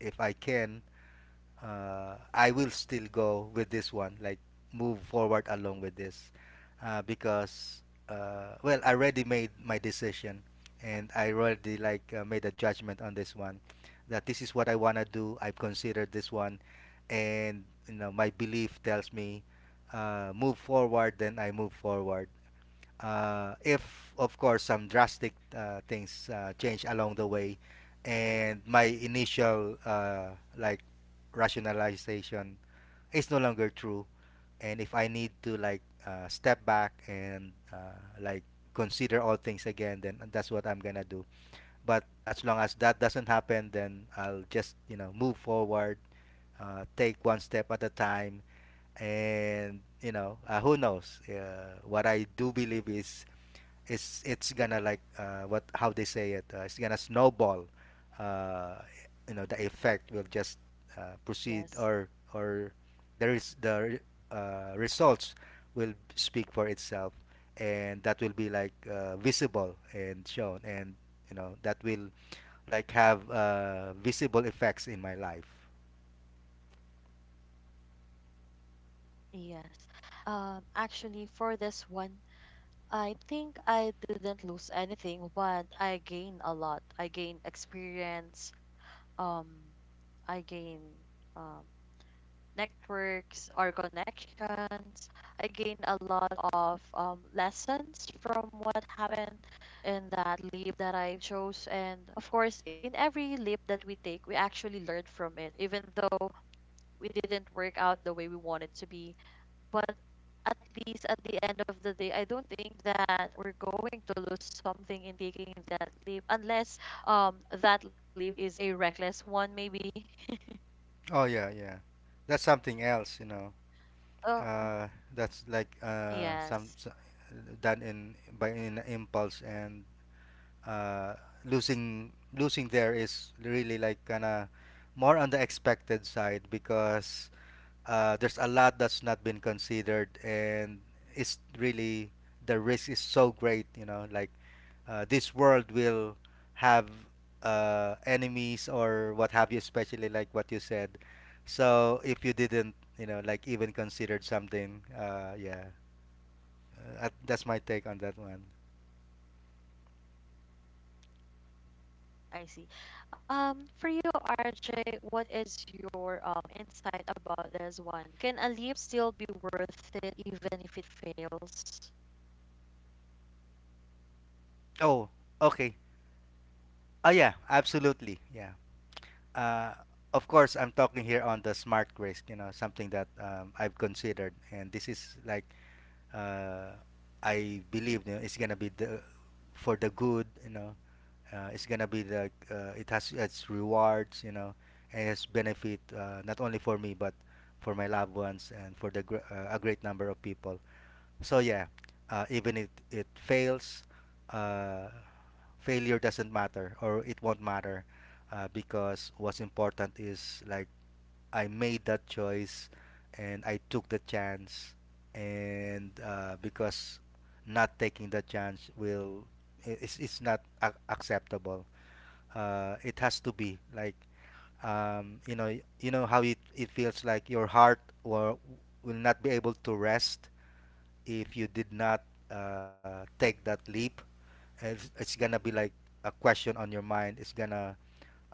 if I can, uh, I will still go with this one, like move forward along with this, uh, because uh, well, I already made my decision, and I already like uh, made a judgment on this one, that this is what I wanna do. I've considered this one, and you know my belief tells me, uh, move forward. Then I move forward. Uh, if of course some drastic uh, things uh, change along the way, and my initial uh, like rationalization is no longer true, and if I need to like uh, step back and uh, like consider all things again, then that's what I'm gonna do. But as long as that doesn't happen, then I'll just you know move forward, uh, take one step at a time. And you know uh, who knows uh, what I do believe is it's it's gonna like uh, what how they say it, uh, it's gonna snowball. uh, you know, the effect will just uh, proceed, Yes. or or there is the uh, results will speak for itself, and that will be like uh, visible and shown, and you know that will like have uh, visible effects in my life. Yes. Um, actually, for this one, I think I didn't lose anything, but I gained a lot. I gained experience, um, I gained um, networks or connections. I gained a lot of um, lessons from what happened in that leap that I chose. And of course, in every leap that we take, we actually learn from it, even though we didn't work out the way we wanted to be, but at least at the end of the day, I don't think that we're going to lose something in taking that leap, unless um, that leap is a reckless one, maybe. Oh yeah, yeah, that's something else, you know. Oh mm, Uh, that's like uh, some, yes, so- done in by in impulse, and uh, losing losing there is really like kind of more on the expected side. Because uh, there's a lot that's not been considered, and it's really the risk is so great, you know, like uh, this world will have uh, enemies or what have you, especially like what you said. So if you didn't you know like even considered something, uh, yeah uh, that's my take on that one. I see. Um, for you, R J, what is your um, insight about this one? Can a leap still be worth it even if it fails? Oh, okay. Oh yeah, absolutely. Yeah. Uh, of course, I'm talking here on the smart risk. You know, something that um, I've considered, and this is like uh, I believe you know, it's gonna be the for the good. You know, uh, it's gonna be the uh, it has its rewards. You know, and its benefit uh, not only for me but for my loved ones, and for the gr- uh, a great number of people. So yeah, uh, even if it fails, uh, failure doesn't matter, or it won't matter uh, because what's important is like I made that choice and I took the chance, and uh, because not taking the chance will i- it's, it's not ac acceptable. Uh, it has to be like um, you know you know how it, it feels like your heart will, will not be able to rest if you did not uh, take that leap. And it's, it's gonna be like a question on your mind. It's gonna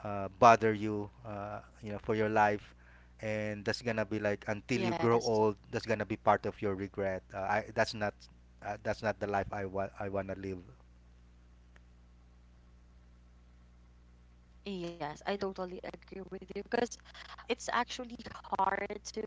uh, bother you, uh, you know, for your life, and that's gonna be like until you grow Yes. old. That's gonna be part of your regret. Uh, I, that's not uh, that's not the life I, wa- I wanna live. Yes, I totally agree with you, because it's actually hard to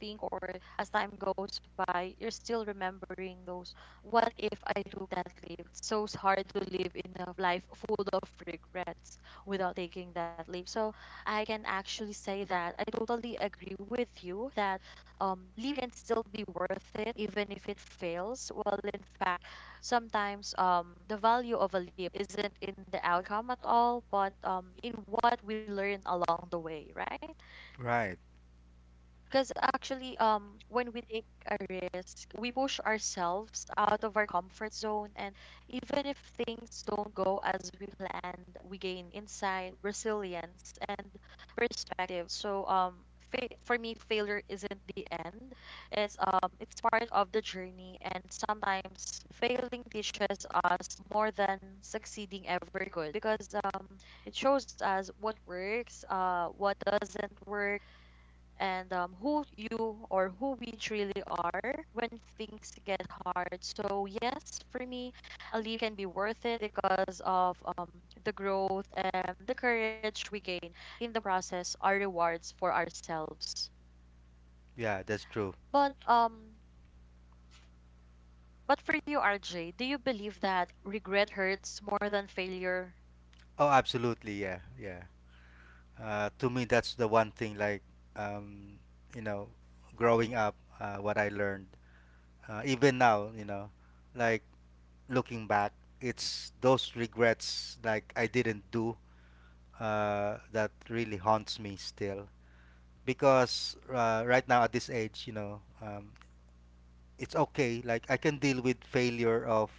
think, or as time goes by, you're still remembering those. What if I do that leap? It's so hard to live in a life full of regrets without taking that leap. So I can actually say that I totally agree with you that um, leap can still be worth it even if it fails. Well, in fact, sometimes um, the value of a leap isn't in the outcome at all, but um, in what we learn along the way, right? Right. Because actually, um, when we take a risk, we push ourselves out of our comfort zone. And even if things don't go as we planned, we gain insight, resilience, and perspective. So, um, fa- for me, failure isn't the end. It's um, it's part of the journey. And sometimes failing teaches us more than succeeding ever could, because um, it shows us what works, uh, what doesn't work, and um, who you or who we truly are when things get hard. So, yes, for me, a leave can be worth it because of um, the growth and the courage we gain in the process are rewards for ourselves. Yeah, that's true. But, um, but for you, R J, do you believe that regret hurts more than failure? Oh, absolutely. Yeah, yeah, uh, to me that's the one thing, like, um, you know, growing up, uh, what I learned, uh, even now, you know, like looking back, it's those regrets, like I didn't do uh, that really haunts me still. Because uh, right now at this age, you know, um, it's okay. Like I can deal with failure of,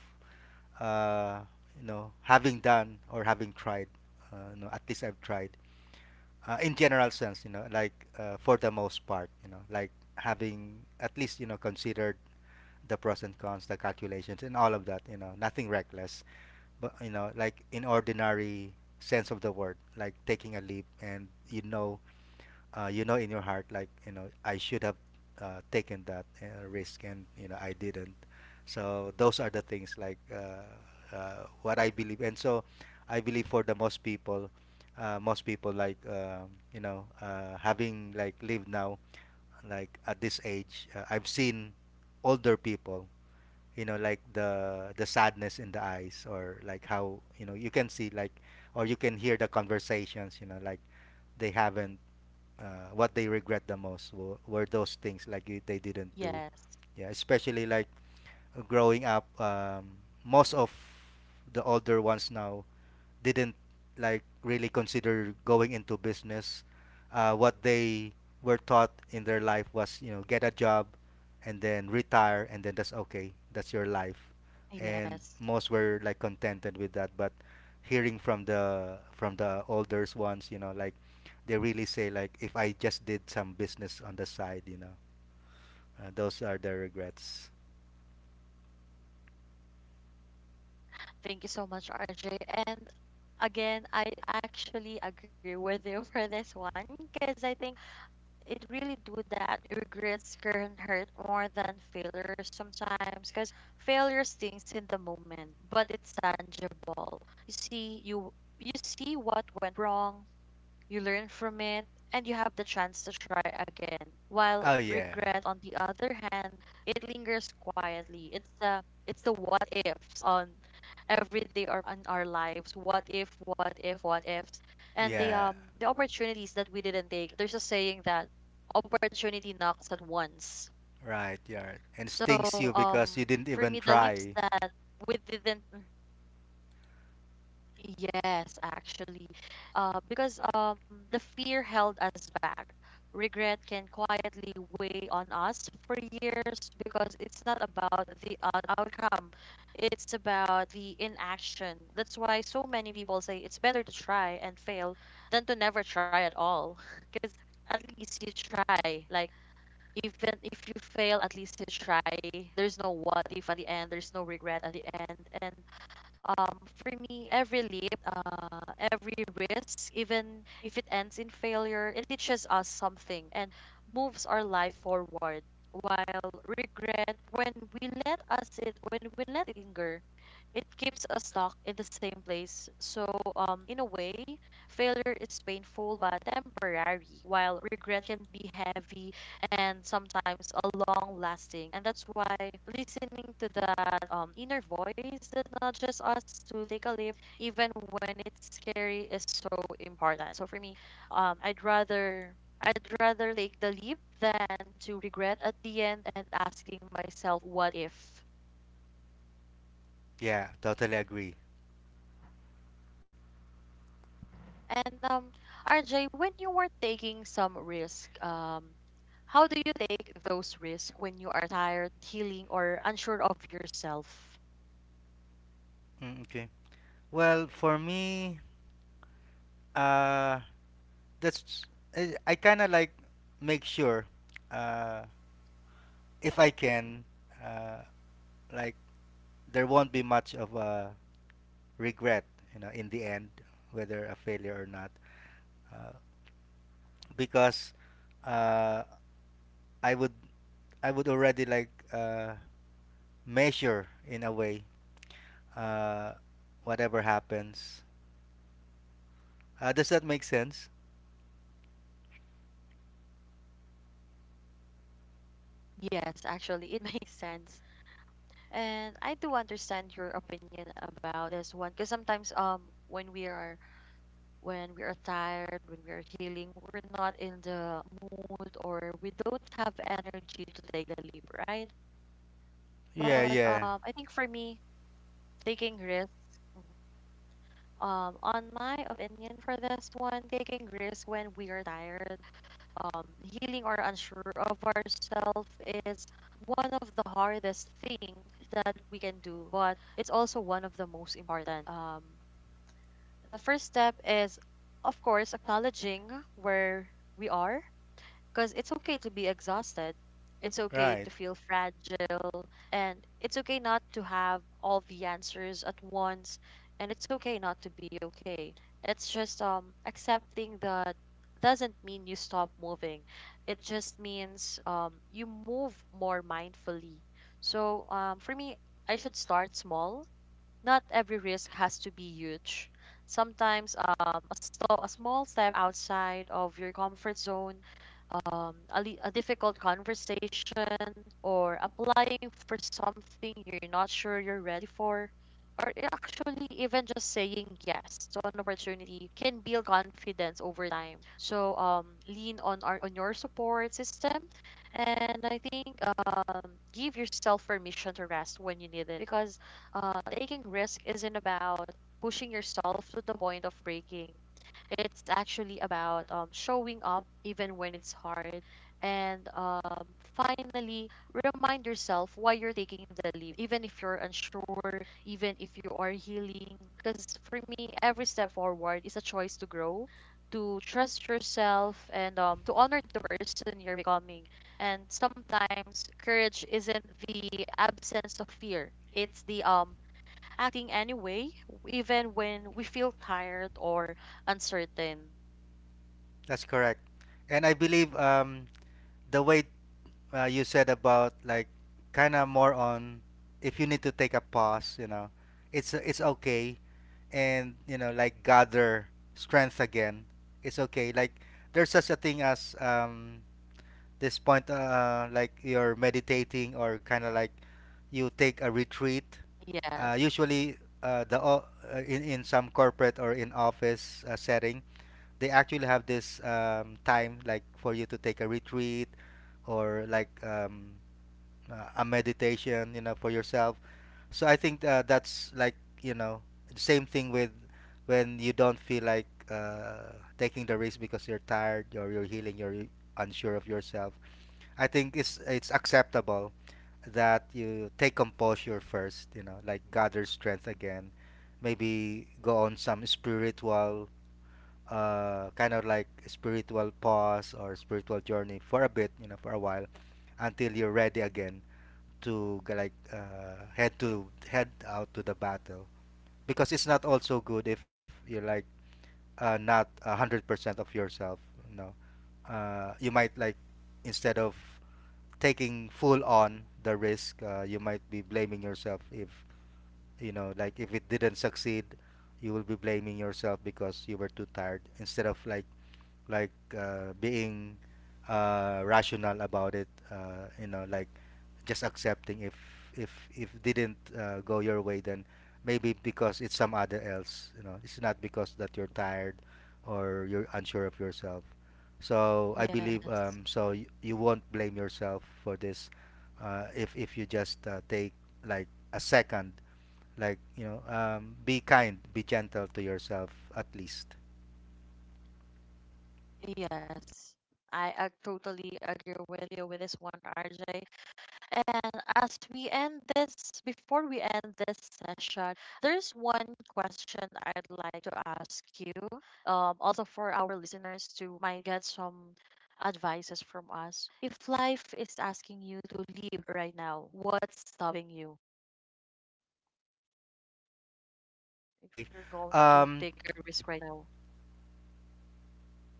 uh, you know, having done or having tried. Uh, you know, at least I've tried. Uh, in general sense, you know, like uh, for the most part, you know, like having at least, you know, considered the pros and cons, the calculations, and all of that. You know, nothing reckless, but, you know, like in ordinary sense of the word, like taking a leap, and you know uh, you know in your heart, like, you know, I should have uh, taken that uh, risk, and you know I didn't. So those are the things like uh, uh, what I believe. And so I believe for the most people, uh, most people like, um, you know, uh, having like lived now, like at this age, uh, I've seen older people, you know, like the the sadness in the eyes, or like how, you know, you can see like, or you can hear the conversations, you know, like they haven't uh, what they regret the most w- were those things like y- they didn't do. Yes, Yeah, especially like growing up, um, most of the older ones now didn't like really consider going into business. Uh, what they were taught in their life was, you know, get a job and then retire and then that's okay. That's your life. And yes. most were like contented with that. But hearing from the from the older ones, you know, like they really say like if I just did some business on the side, you know, uh, those are their regrets. Thank you so much, R J. And again, I actually agree with you for this one, because I think it really do that. Regrets can hurt more than failures sometimes, because failure stings in the moment, but it's tangible. You see, you you see what went wrong, you learn from it, and you have the chance to try again. While Oh yeah, regret, on the other hand, it lingers quietly. It's the it's the what ifs on every day or on our lives. What if? What if? What if? And the yeah, um, the opportunities that we didn't take. There's a saying that opportunity knocks at once. right, yeah, and So stings you because you um didn't for even me the leaps try. that we didn't mhm. Yes, actually. Uh, because um, the fear held us back. Regret can quietly weigh on us for years because it's not about the uh, outcome, it's about the inaction. That's why so many people say it's better to try and fail than to never try at all. Because at least you try. Like, even if you fail, at least you try. There's no what if at the end, there's no regret at the end. And um, for me, every leap, uh, every risk, even if it ends in failure, it teaches us something and moves our life forward. While regret, when we let us it, when we let it linger, it keeps us stuck in the same place. So, um, in a way, failure is painful but temporary, while regret can be heavy and sometimes a long lasting. And that's why listening to that um, inner voice that nudges us to take a leap, even when it's scary, is so important. So for me, um, I'd rather I'd rather take the leap than to regret at the end and asking myself what if. Yeah, totally agree. And um, R J, when you were taking some risk, um, how do you take those risks when you are tired, healing, or unsure of yourself? Mm, okay. Well, for me, uh, that's I, I kind of like make sure, uh, if I can, uh, like there won't be much of a regret, you know, in the end, whether a failure or not, uh, because uh, I would I would already like uh, measure in a way, uh, whatever happens. Uh, does that make sense? Yes, actually, it makes sense. And I do understand your opinion about this one because sometimes um when we are when we are tired, when we are healing, we're not in the mood or we don't have energy to take the leap, right? Yeah, But yeah, um I think for me, taking risks, mhm. um on my opinion for this one, taking risk when we are tired um, healing or unsure of ourselves is one of the hardest thing that we can do, but it's also one of the most important. Um, the first step is, of course, acknowledging where we are because it's okay to be exhausted. It's okay to right. feel fragile. And it's okay not to have all the answers at once. And it's okay not to be okay. It's just um, accepting that doesn't mean you stop moving. It just means um, you move more mindfully. So um, for me, I should start small. Not every risk has to be huge. Sometimes um, a, sto- a small step outside of your comfort zone um, a, li- a difficult conversation or applying for something you're not sure you're ready for, or i- actually even just saying yes to an opportunity can build confidence over time. So um, lean on our, on your support system, and I think um, give yourself permission to rest when you need it because uh, taking risk isn't about pushing yourself to the point of breaking it's actually about um, showing up even when it's hard. And um, finally, remind yourself why you're taking the leap, even if you're unsure, even if you are healing. Because for me, every step forward is a choice to grow, to trust yourself, and um, to honor the person you're becoming. And sometimes courage isn't the absence of fear. It's the um acting anyway, even when we feel tired or uncertain. That's correct. And I believe, um, the way uh, you said about, like, kind of more on if you need to take a pause, you know, it's it's okay, and you know like gather strength again. It's okay. Like there's such a thing as, um, this point uh, like you're meditating or kind of like you take a retreat. Uh, Yes, usually uh, the o- uh, in in some corporate or in office uh, setting, they actually have this, um, time like for you to take a retreat or like, um, uh, a meditation, you know, for yourself. So I think, uh, that's like, you know, same thing with when you don't feel like, uh, taking the risk because you're tired or you're healing, you're unsure of yourself. I think it's it's acceptable that you take composure first, you know, like gather strength again. Maybe go on some spiritual, uh, kind of like spiritual pause or spiritual journey for a bit, you know, for a while, until you're ready again to g- like uh, head to head out to the battle. Because it's not also good if you're like, uh, not a hundred percent of yourself. You know, uh, you might like instead of taking full on the risk, uh, you might be blaming yourself if, you know, like if it didn't succeed, you will be blaming yourself because you were too tired, instead of like like uh, being uh, rational about it, uh, you know, like just accepting if if if didn't uh, go your way, then maybe because it's some other else, you know, it's not because that you're tired or you're unsure of yourself. So I believe, yes, um, so y- you won't blame yourself for this, uh, if if you just uh, take like a second, like, you know, um, be kind, be gentle to yourself, at least. yes. I, I totally agree with you with this one, R J. And as we end this, before we end this session, there's one question I'd like to ask you. Um, also for our listeners to might get some advices from us. If life is asking you to leave right now, what's stopping you? If Okay, you're going to um, take a risk right now.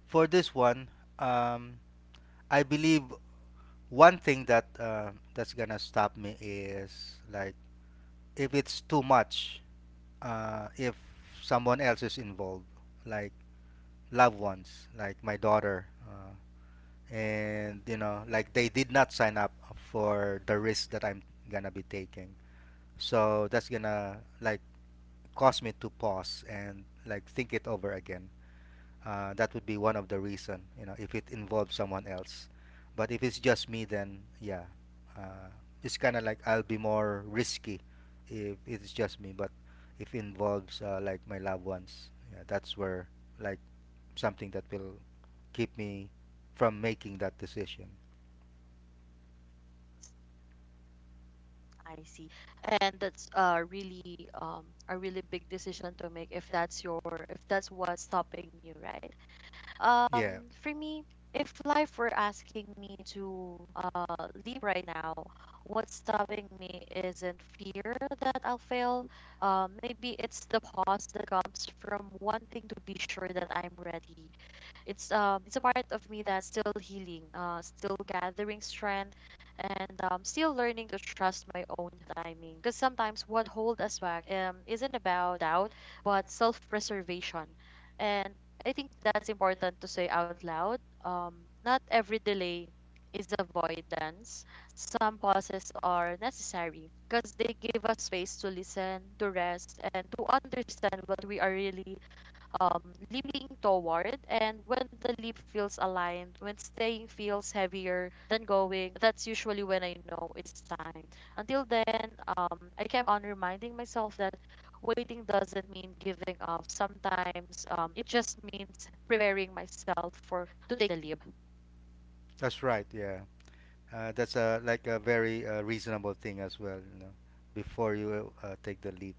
for this one, um, I believe one thing that uh, that's gonna stop me is like if it's too much, uh, if someone else is involved, like loved ones, like my daughter, uh, and you know, like they did not sign up for the risk that I'm gonna be taking. So that's gonna like cause me to pause and like think it over again. Uh, that would be one of the reason, you know, if it involves someone else. But if it's just me, then yeah, uh, it's kind of like I'll be more risky if it's just me. But if it involves, uh, like my loved ones, yeah, that's where, like, something that will keep me from making that decision. I see. And that's uh really um a really big decision to make if that's your if that's what's stopping you, right? Yeah, Um for me, if life were asking me to uh leave right now, what's stopping me isn't fear that I'll fail. Um maybe it's the pause that comes from wanting to be sure that I'm ready. It's um it's a part of me that's still healing, uh, still gathering strength, and um, still learning to trust my own timing. Because sometimes what hold us back um isn't about doubt, but self-preservation, and I think that's important to say out loud. Um, not every delay is avoidance. Some pauses are necessary because they give us space to listen, to rest, and to understand what we are really um, leaping toward. And when the leap feels aligned, when staying feels heavier than going, that's usually when I know it's time. Until then, um, I kept on reminding myself that waiting doesn't mean giving up. Sometimes um, it just means preparing myself for to take the leap. that's right, yeah, uh, that's a like a very uh, reasonable thing as well, you know, before you uh, take the leap.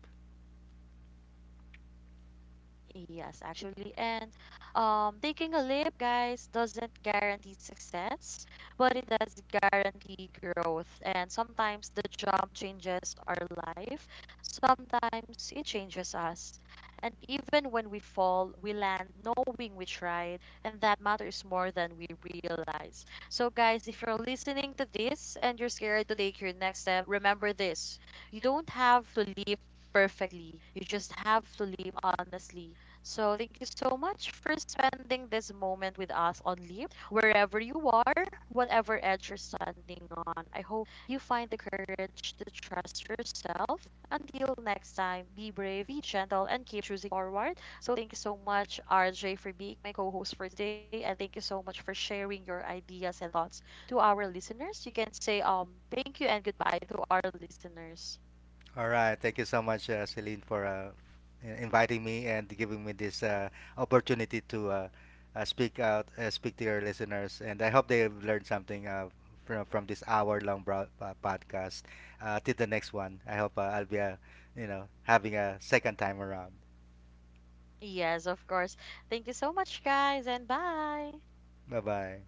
Yes, actually. And um, taking a leap, guys, doesn't guarantee success, but it does guarantee growth. And sometimes the jump changes our life, sometimes it changes us. And even when we fall, we land knowing we tried, and that matters more than we realize. So, guys, if you're listening to this and you're scared to take your next step, remember this: you don't have to leap perfectly. You just have to live honestly. So, thank you so much for spending this moment with us on Leap. Wherever you are, whatever edge you're standing on, I hope you find the courage to trust yourself. Until next time, be brave, be gentle, and keep choosing forward. So, thank you so much, R J, for being my co host for today. And thank you so much for sharing your ideas and thoughts to our listeners. You can say um thank you and goodbye to our listeners. All right. Thank you so much, uh, Celine, for uh, in- inviting me and giving me this uh, opportunity to uh, uh, speak out, uh, speak to your listeners. And I hope they have learned something, uh, from, from this hour-long bro- uh, podcast. Uh, till the next one, I hope, uh, I'll be, uh, you know, having a second time around. Yes, of course. Thank you so much, guys, and bye. Bye bye.